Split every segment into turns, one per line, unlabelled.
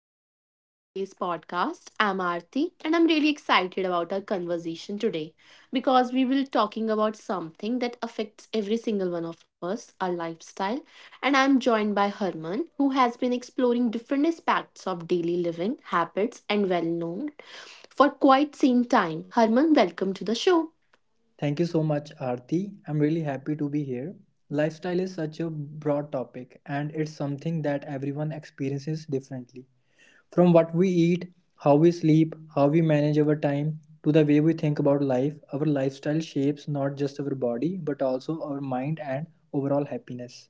and welcome to today's podcast. I'm Aarti, and I'm really excited about our conversation today because we will talking about something that affects every single one of us, our lifestyle. And I'm joined by Herman, who has been exploring different aspects of daily living habits and well known for quite some time. Herman, welcome to the show.
Thank you so much, Aarti. I'm really happy to be here. Lifestyle is such a broad topic, and it's something that everyone experiences differently. From what we eat, how we sleep, how we manage our time, to the way we think about life, our lifestyle shapes not just our body but also our mind and overall happiness.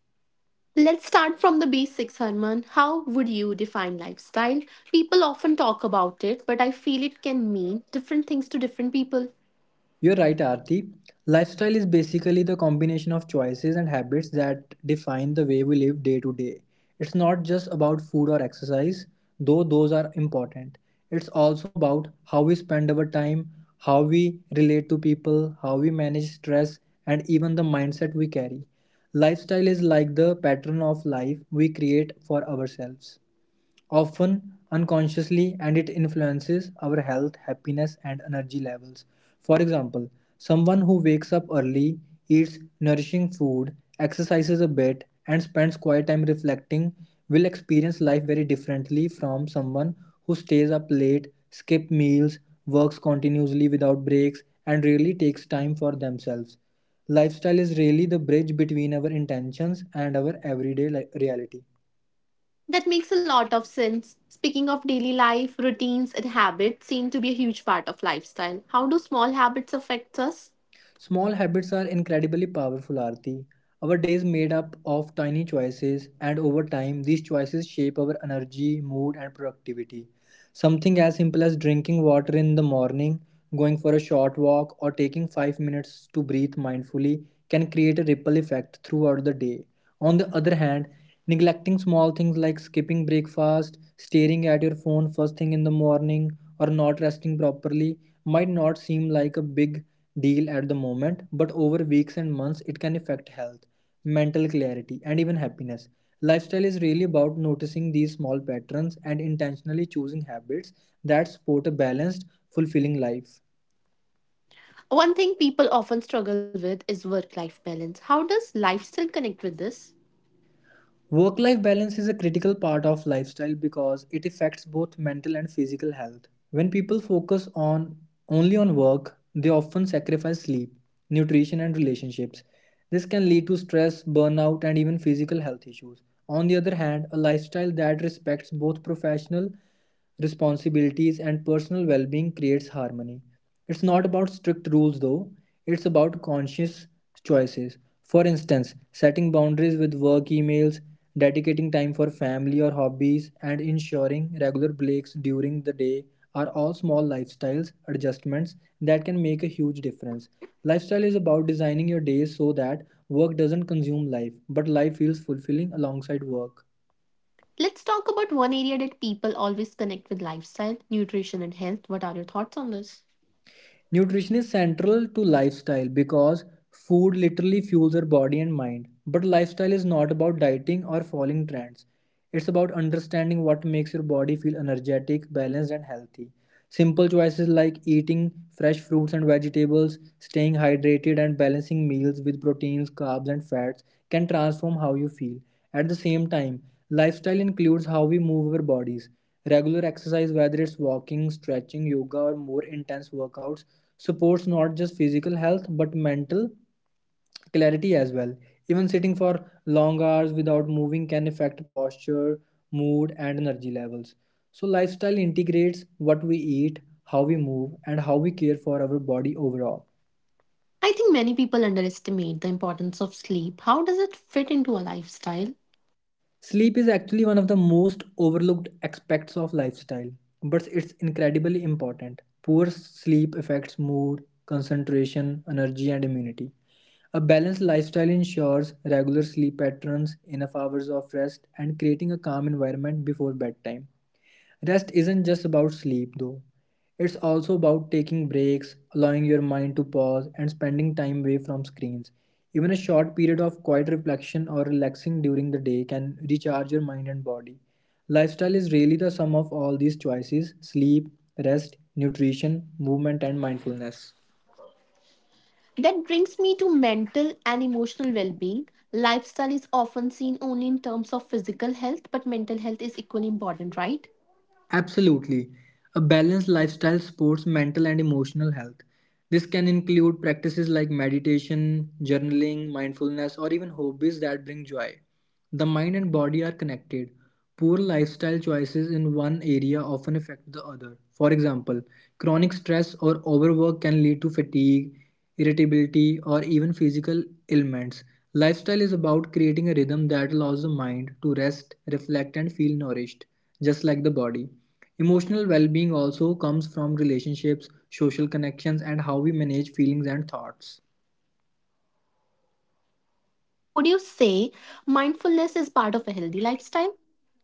Let's start from the basics, Herman. How would you define lifestyle? People often talk about it, but I feel it can mean different things to different people.
You're right, Aarti. Lifestyle is basically the combination of choices and habits that define the way we live day to day. It's not just about food or exercise, though those are important. It's also about how we spend our time, how we relate to people, how we manage stress, and even the mindset we carry. Lifestyle is like the pattern of life we create for ourselves often unconsciously, and it influences our health, happiness, and energy levels. For example, someone who wakes up early, eats nourishing food, exercises a bit, and spends quiet time reflecting will experience life very differently from someone who stays up late, skips meals, works continuously without breaks, and really takes time for themselves. Lifestyle is really the bridge between our intentions and our everyday reality.
That makes a lot of sense. Speaking of daily life, routines and habits seem to be a huge part of lifestyle. How do small habits affect us?
Small habits are incredibly powerful, Arti. Our days is made up of tiny choices, and over time, these choices shape our energy, mood, and productivity. Something as simple as drinking water in the morning, going for a short walk, or taking 5 minutes to breathe mindfully can create a ripple effect throughout the day. On the other hand, neglecting small things like skipping breakfast, staring at your phone first thing in the morning, or not resting properly might not seem like a big deal at the moment, but over weeks and months it can affect health mental clarity, and even happiness. Lifestyle is really about noticing these small patterns and intentionally choosing habits that support a balanced, fulfilling life.
One thing people often struggle with is work life balance. How does lifestyle connect with this?
Work life balance is a critical part of lifestyle because it affects both mental and physical health. When people focus on only on work, they often sacrifice sleep, nutrition and relationships. This can lead to stress, burnout and even physical health issues. On the other hand, a lifestyle that respects both professional responsibilities, and personal well being creates harmony. It's not about strict rules though, it's about conscious choices. For instance, setting boundaries with work emails, dedicating time for family or hobbies, and ensuring regular breaks during the day are all small lifestyles adjustments that can make a huge difference. Lifestyle is about designing your days so that work doesn't consume life, but life feels fulfilling alongside work.
Let's talk about one area that people always connect with lifestyle, nutrition, and health. What are your thoughts on this?
Nutrition is central to lifestyle because food literally fuels our body and mind. But lifestyle is not about dieting or following trends. It's about understanding what makes your body feel energetic, balanced, and healthy. Simple choices like eating fresh fruits and vegetables, staying hydrated, and balancing meals with proteins, carbs, and fats can transform how you feel. At the same time, lifestyle includes how we move our bodies. Regular exercise, whether it's walking, stretching, yoga, or more intense workouts, supports not just physical health but mental clarity as well. Even sitting for long hours without moving can affect posture, mood, and energy levels. So, lifestyle integrates what we eat, how we move, and how we care for our body overall.
I think many people underestimate the importance of sleep. How does it fit into a lifestyle?
Sleep is actually one of the most overlooked aspects of lifestyle, but it's incredibly important. Poor sleep affects mood, concentration, energy, and immunity. A balanced lifestyle ensures regular sleep patterns, enough hours of rest, and creating a calm environment before bedtime. Rest isn't just about sleep, though. It's also about taking breaks, allowing your mind to pause, and spending time away from screens. Even a short period of quiet reflection or relaxing during the day can recharge your mind and body. Lifestyle is really the sum of all these choices sleep, rest, nutrition, movement, and mindfulness.
That brings me to mental and emotional well being. Lifestyle is often seen only in terms of physical health, but mental health is equally important, right?
Absolutely. A balanced lifestyle supports mental and emotional health. This can include practices like meditation, journaling, mindfulness, or even hobbies that bring joy. The mind and body are connected. Poor lifestyle choices in one area often affect the other. For example, chronic stress or overwork can lead to fatigue, irritability, or even physical ailments. Lifestyle is about creating a rhythm that allows the mind to rest, reflect, and feel nourished just like the body. Emotional well being also comes from relationships, social connections, and how we manage feelings and thoughts.
So, would you say mindfulness is part of a healthy lifestyle?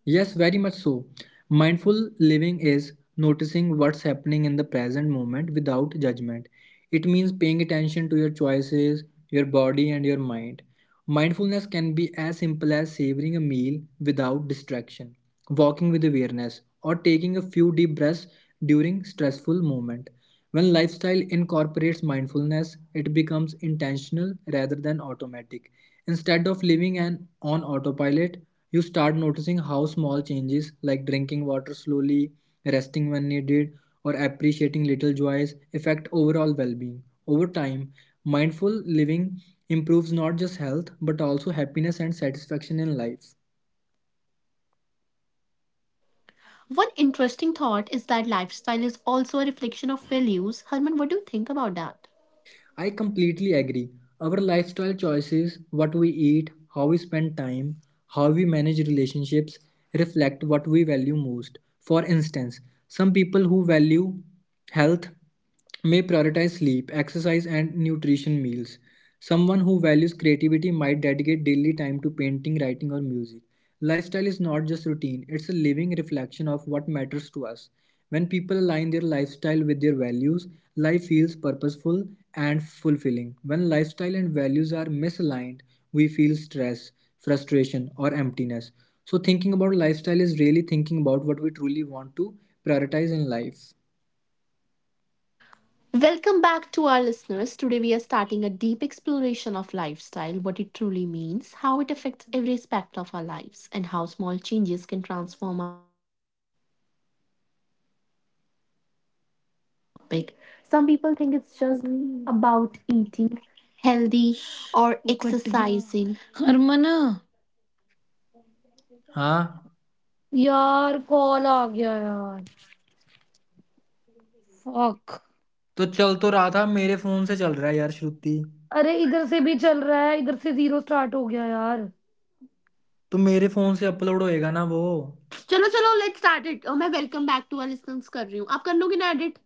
Yes, very much so. Mindful living is noticing what's happening in the present moment without judgment. It means paying attention to your choices, your body, and your mind. Mindfulness can be as simple as savoring a meal without distraction, walking with awareness, or taking a few deep breaths during stressful moment. When lifestyle incorporates mindfulness, it becomes intentional rather than automatic. Instead of living an on autopilot, you start noticing how small changes like drinking water slowly, resting when needed, or appreciating little joys affect overall well-being. Over time, mindful living improves not just health but also happiness and satisfaction in life.
One interesting thought is that lifestyle is also a reflection of values. Herman, what do you think about that?
I completely agree. Our lifestyle choices, what we eat, how we spend time, how we manage relationships, reflect what we value most. For instance, some people who value health may prioritize sleep, exercise, and nutrition meals. Someone who values creativity might dedicate daily time to painting, writing, or music. Lifestyle is not just routine, it's a living reflection of what matters to us. When people align their lifestyle with their values, life feels purposeful and fulfilling. When lifestyle and values are misaligned, we feel stress, frustration, or emptiness. So, thinking about lifestyle is really thinking about what we truly want to prioritize in life.
Welcome back to our listeners. Today we are starting a deep exploration of lifestyle, what it truly means, how it affects every aspect of our lives, and how small changes can transform
Topic. Some people think it's just about eating healthy or वो cut गया exercising. हरमना
हाँ.
यार call आ गया यार fuck
तो चल तो रहा था मेरे फोन से चल रहा है यार श्रुति.
अरे इधर से भी चल रहा है इधर से जीरो स्टार्ट हो गया यार
तो मेरे फोन से अपलोड होएगा ना वो.
चलो चलो लेट्स स्टार्ट इट मैं वेलकम बैक टू आर कर रही हूँ आप कर लोगे ना एडिट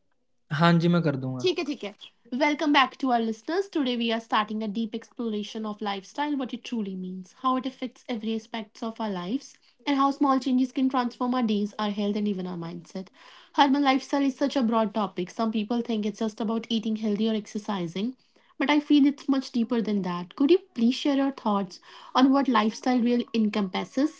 हाँ जी मैं कर दूंगा.
ठीक है Welcome back to our listeners. Today we are starting a deep exploration of lifestyle, what it truly means, how it affects every aspects of our lives, and how small changes can transform our days, our health, and even our mindset. Urban lifestyle is such a broad topic. Some people think it's just about eating healthy or exercising, but I feel it's much deeper than that. Could you please share your thoughts on what lifestyle really encompasses?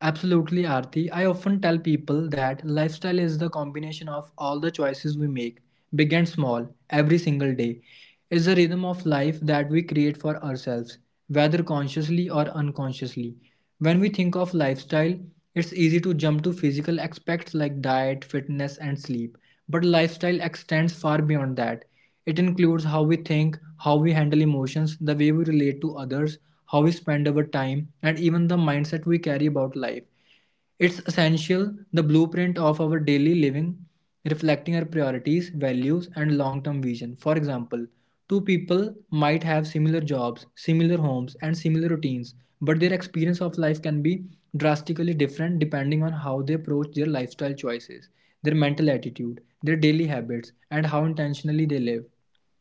Absolutely, Aarti. I often tell people that lifestyle is the combination of all the choices we make, big and small, every single day. It's the rhythm of life that we create for ourselves, whether consciously or unconsciously. When we think of lifestyle, it's easy to jump to physical aspects like diet, fitness, and sleep. But lifestyle extends far beyond that. It includes how we think, how we handle emotions, the way we relate to others, how we spend our time, and even the mindset we carry about life. It's essential, the blueprint of our daily living, reflecting our priorities, values, and long term vision. For example, two people might have similar jobs, similar homes, and similar routines, but their experience of life can be drastically different depending on how they approach their lifestyle choices, their mental attitude, their daily habits, and how intentionally they live.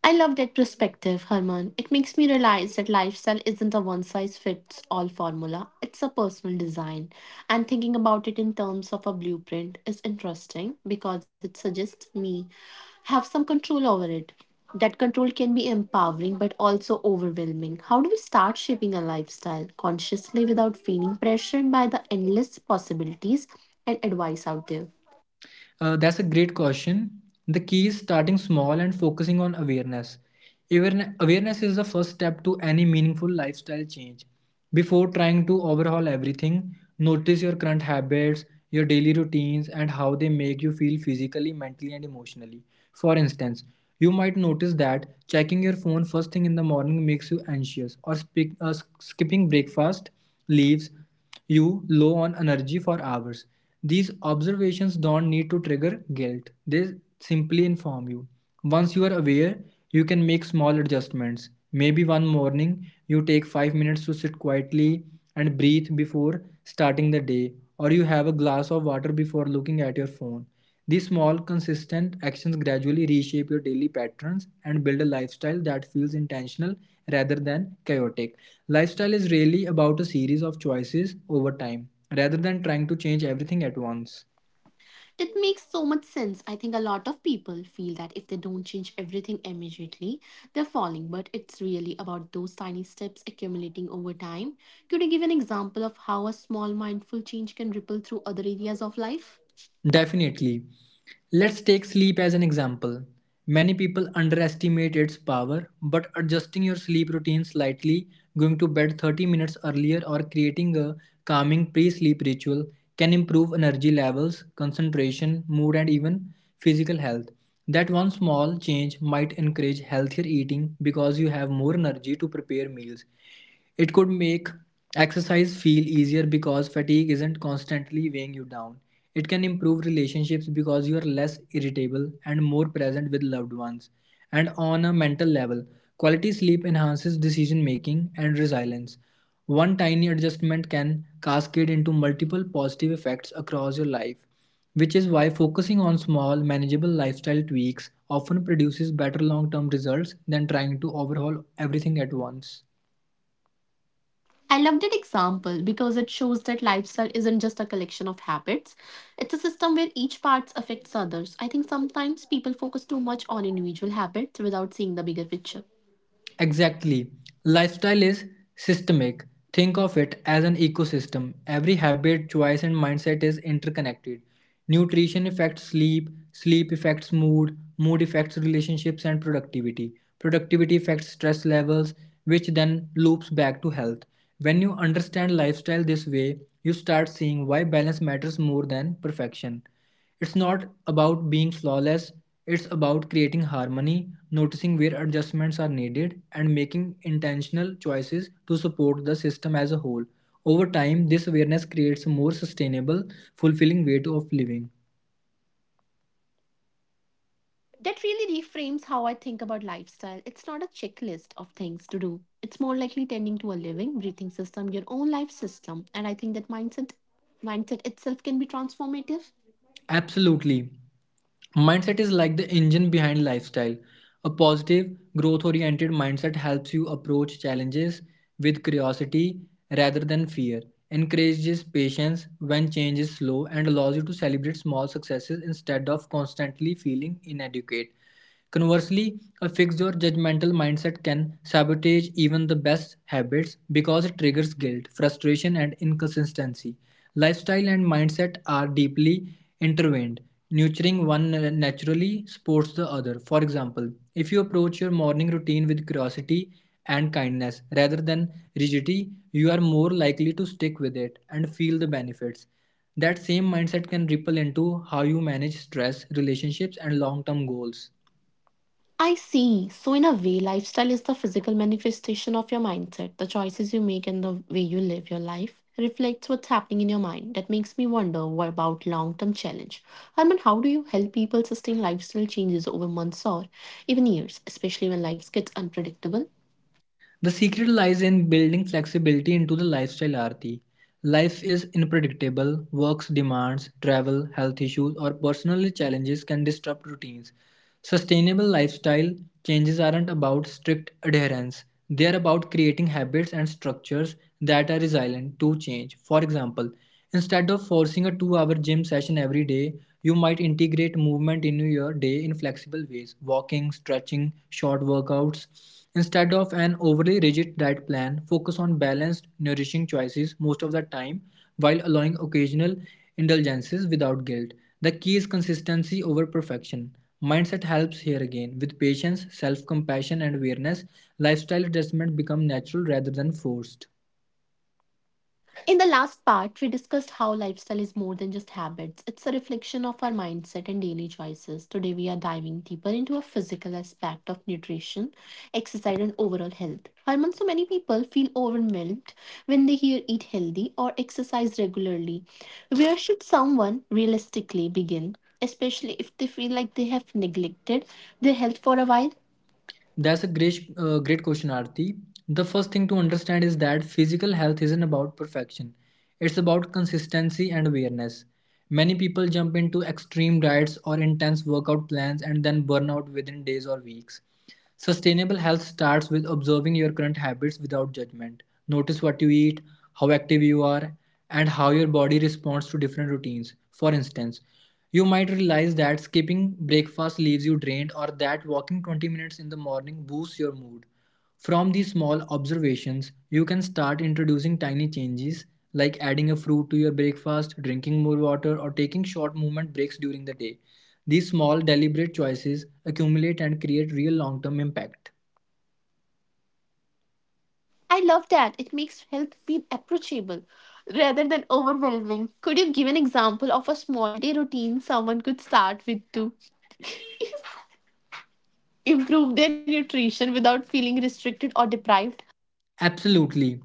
I love that perspective, Herman. It makes me realize that lifestyle isn't a one size fits all formula, it's a personal design. And thinking about it in terms of a blueprint is interesting because it suggests me have some control over it. That control can be empowering but also overwhelming. How do we start shaping a lifestyle consciously without feeling pressured by the endless possibilities and advice out there?
That's a great question. The key is starting small and focusing on awareness. Awareness is the first step to any meaningful lifestyle change. Before trying to overhaul everything, notice your current habits, your daily routines, and how they make you feel physically, mentally, and emotionally. For instance, you might notice that checking your phone first thing in the morning makes you anxious, or skipping breakfast leaves you low on energy for hours. These observations don't need to trigger guilt, they simply inform you. Once you are aware, you can make small adjustments. Maybe one morning you take 5 minutes to sit quietly and breathe before starting the day, or you have a glass of water before looking at your phone. These small, consistent actions gradually reshape your daily patterns and build a lifestyle that feels intentional rather than chaotic. Lifestyle is really about a series of choices over time rather than trying to change everything at once.
It makes so much sense. I think a lot of people feel that if they don't change everything immediately, they're falling, but it's really about those tiny steps accumulating over time. Could you give an example of how a small mindful change can ripple through other areas of life?
Definitely. Let's take sleep as an example. Many people underestimate its power, but adjusting your sleep routine slightly, going to bed 30 minutes earlier, or creating a calming pre sleep ritual can improve energy levels, concentration, mood, and even physical health. That one small change might encourage healthier eating because you have more energy to prepare meals. It could make exercise feel easier because fatigue isn't constantly weighing you down. It can improve relationships because you are less irritable and more present with loved ones. And on a mental level, quality sleep enhances decision making and resilience. One tiny adjustment can cascade into multiple positive effects across your life, which is why focusing on small, manageable lifestyle tweaks often produces better long term results than trying to overhaul everything at once.
I love that example because it shows that lifestyle isn't just a collection of habits. It's a system where each part affects others. I think sometimes people focus too much on individual habits without seeing the bigger picture.
Exactly. Lifestyle is systemic. Think of it as an ecosystem. Every habit, choice, and mindset is interconnected. Nutrition affects sleep, sleep affects mood, mood affects relationships and productivity. Productivity affects stress levels, which then loops back to health. When you understand lifestyle this way, you start seeing why balance matters more than perfection. It's not about being flawless, it's about creating harmony, noticing where adjustments are needed, and making intentional choices to support the system as a whole. Over time, this awareness creates a more sustainable, fulfilling way of living.
That really reframes how I think about lifestyle. It's not a checklist of things to do. It's more likely tending to a living, breathing system, your own life system. And I think that mindset itself can be transformative.
Absolutely. Mindset is like the engine behind lifestyle. A positive, growth oriented mindset helps you approach challenges with curiosity rather than fear, encourages patience when change is slow, and allows you to celebrate small successes instead of constantly feeling inadequate. Conversely, a fixed or judgmental mindset can sabotage even the best habits because it triggers guilt, frustration, and inconsistency. Lifestyle and mindset are deeply intertwined. Nurturing one naturally supports the other. For example, if you approach your morning routine with curiosity and kindness rather than rigidity, you are more likely to stick with it and feel the benefits. That same mindset can ripple into how you manage stress, relationships, and long term goals.
I see. So in a way, lifestyle is the physical manifestation of your mindset. The choices you make and the way you live your life reflects what's happening in your mind. That makes me wonder what about long-term challenge. I mean, how do you help people sustain lifestyle changes over months or even years, especially when life gets unpredictable?
The secret lies in building flexibility into the lifestyle RT. Life is unpredictable, work's demands, travel, health issues, or personal challenges can disrupt routines. Sustainable lifestyle changes aren't about strict adherence, they are about creating habits and structures that are resilient to change. For example, instead of forcing a 2 hour gym session every day, you might integrate movement into your day in flexible ways walking, stretching, short workouts. Instead of an overly rigid diet plan, focus on balanced, nourishing choices most of the time while allowing occasional indulgences without guilt. The key is consistency over perfection. Mindset helps here again. With patience, self compassion, and awareness, lifestyle adjustment become natural rather than forced.
In the last part, we discussed how lifestyle is more than just habits. It's a reflection of our mindset and daily choices. Today, we are diving deeper into a physical aspect of nutrition, exercise, and overall health. Harman, so many people feel overwhelmed when they hear eat healthy or exercise regularly. Where should someone realistically begin, especially if they feel like they have neglected their health for a while?
That's a great question, Arti. The first thing to understand is that physical health isn't about perfection, it's about consistency and awareness. Many people jump into extreme diets or intense workout plans and then burn out within days or weeks. Sustainable health starts with observing your current habits without judgment. Notice what you eat, how active you are, and how your body responds to different routines. For instance, you might realize that skipping breakfast leaves you drained or that walking 20 minutes in the morning boosts your mood. From these small observations, you can start introducing tiny changes like adding a fruit to your breakfast, drinking more water, or taking short movement breaks during the day. These small, deliberate choices accumulate and create real long term impact.
I love that. It makes health feel approachable rather than overwhelming. Could you give an example of a small day routine someone could start with to improve their nutrition without feeling restricted or deprived?
Absolutely.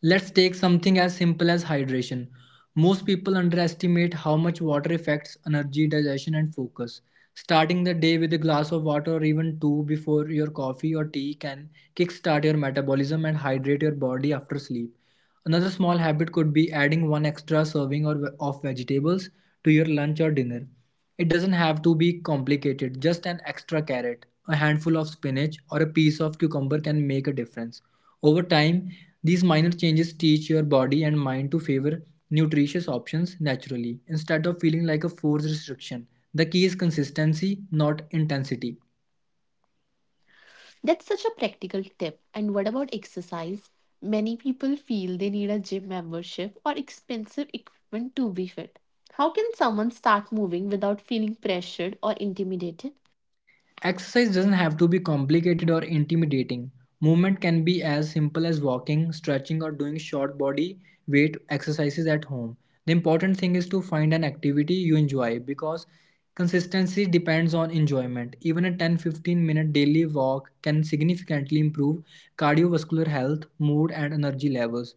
Let's take something as simple as hydration. Most people underestimate how much water affects energy, digestion, and focus. Starting the day with a glass of water or even two before your coffee or tea can kickstart your metabolism and hydrate your body after sleep. Another small habit could be adding one extra serving or of vegetables to your lunch or dinner. It doesn't have to be complicated, just an extra carrot, a handful of spinach, or a piece of cucumber can make a difference. Over time, these minor changes teach your body and mind to favor nutritious options naturally instead of feeling like a forced restriction. The key is consistency, not intensity.
That's such a practical tip. And what about exercise? Many people feel they need a gym membership or expensive equipment to be fit. How can someone start moving without feeling pressured or intimidated?
Exercise doesn't have to be complicated or intimidating. Movement can be as simple as walking, stretching, or doing short body weight exercises at home. The important thing is to find an activity you enjoy because consistency depends on enjoyment. Even a 10 to 15 minute daily walk can significantly improve cardiovascular health, mood, and energy levels.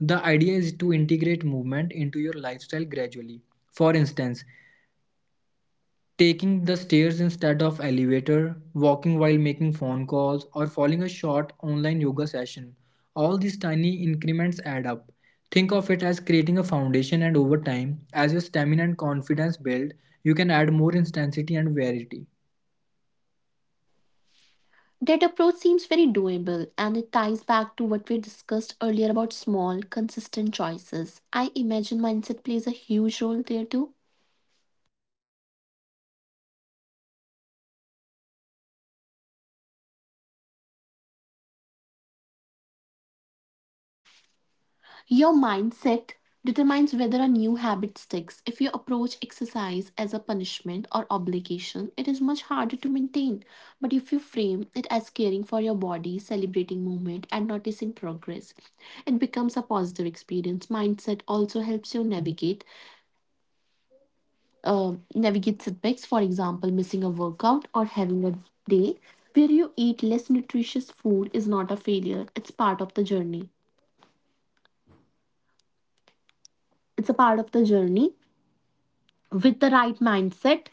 The idea is to integrate movement into your lifestyle gradually. For instance, taking the stairs instead of elevator, walking while making phone calls, or following a short online yoga session. All these tiny increments add up. Think of it as creating a foundation and over time, as your stamina and confidence build, you can add more intensity and variety.
That approach seems very doable and it ties back to what we discussed earlier about small, consistent choices. I imagine mindset plays a huge role there too. Your mindset determines whether a new habit sticks. If you approach exercise as a punishment or obligation, it is much harder to maintain. But if you frame it as caring for your body, celebrating movement, and noticing progress, it becomes a positive experience. Mindset also helps you navigate setbacks, for example, missing a workout or having a day where you eat less nutritious food is not a failure. It's part of the journey. It's a part of the journey. With the right mindset,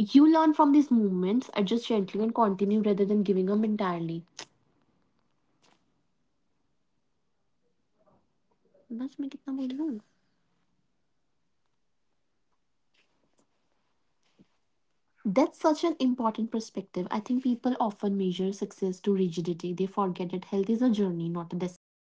you learn from these movements, adjust gently, and continue rather than giving up entirely. बस मैं कितना बोल रही हूँ? That's such an important perspective. I think people often measure success to rigidity. They forget that health is a journey, not a destination.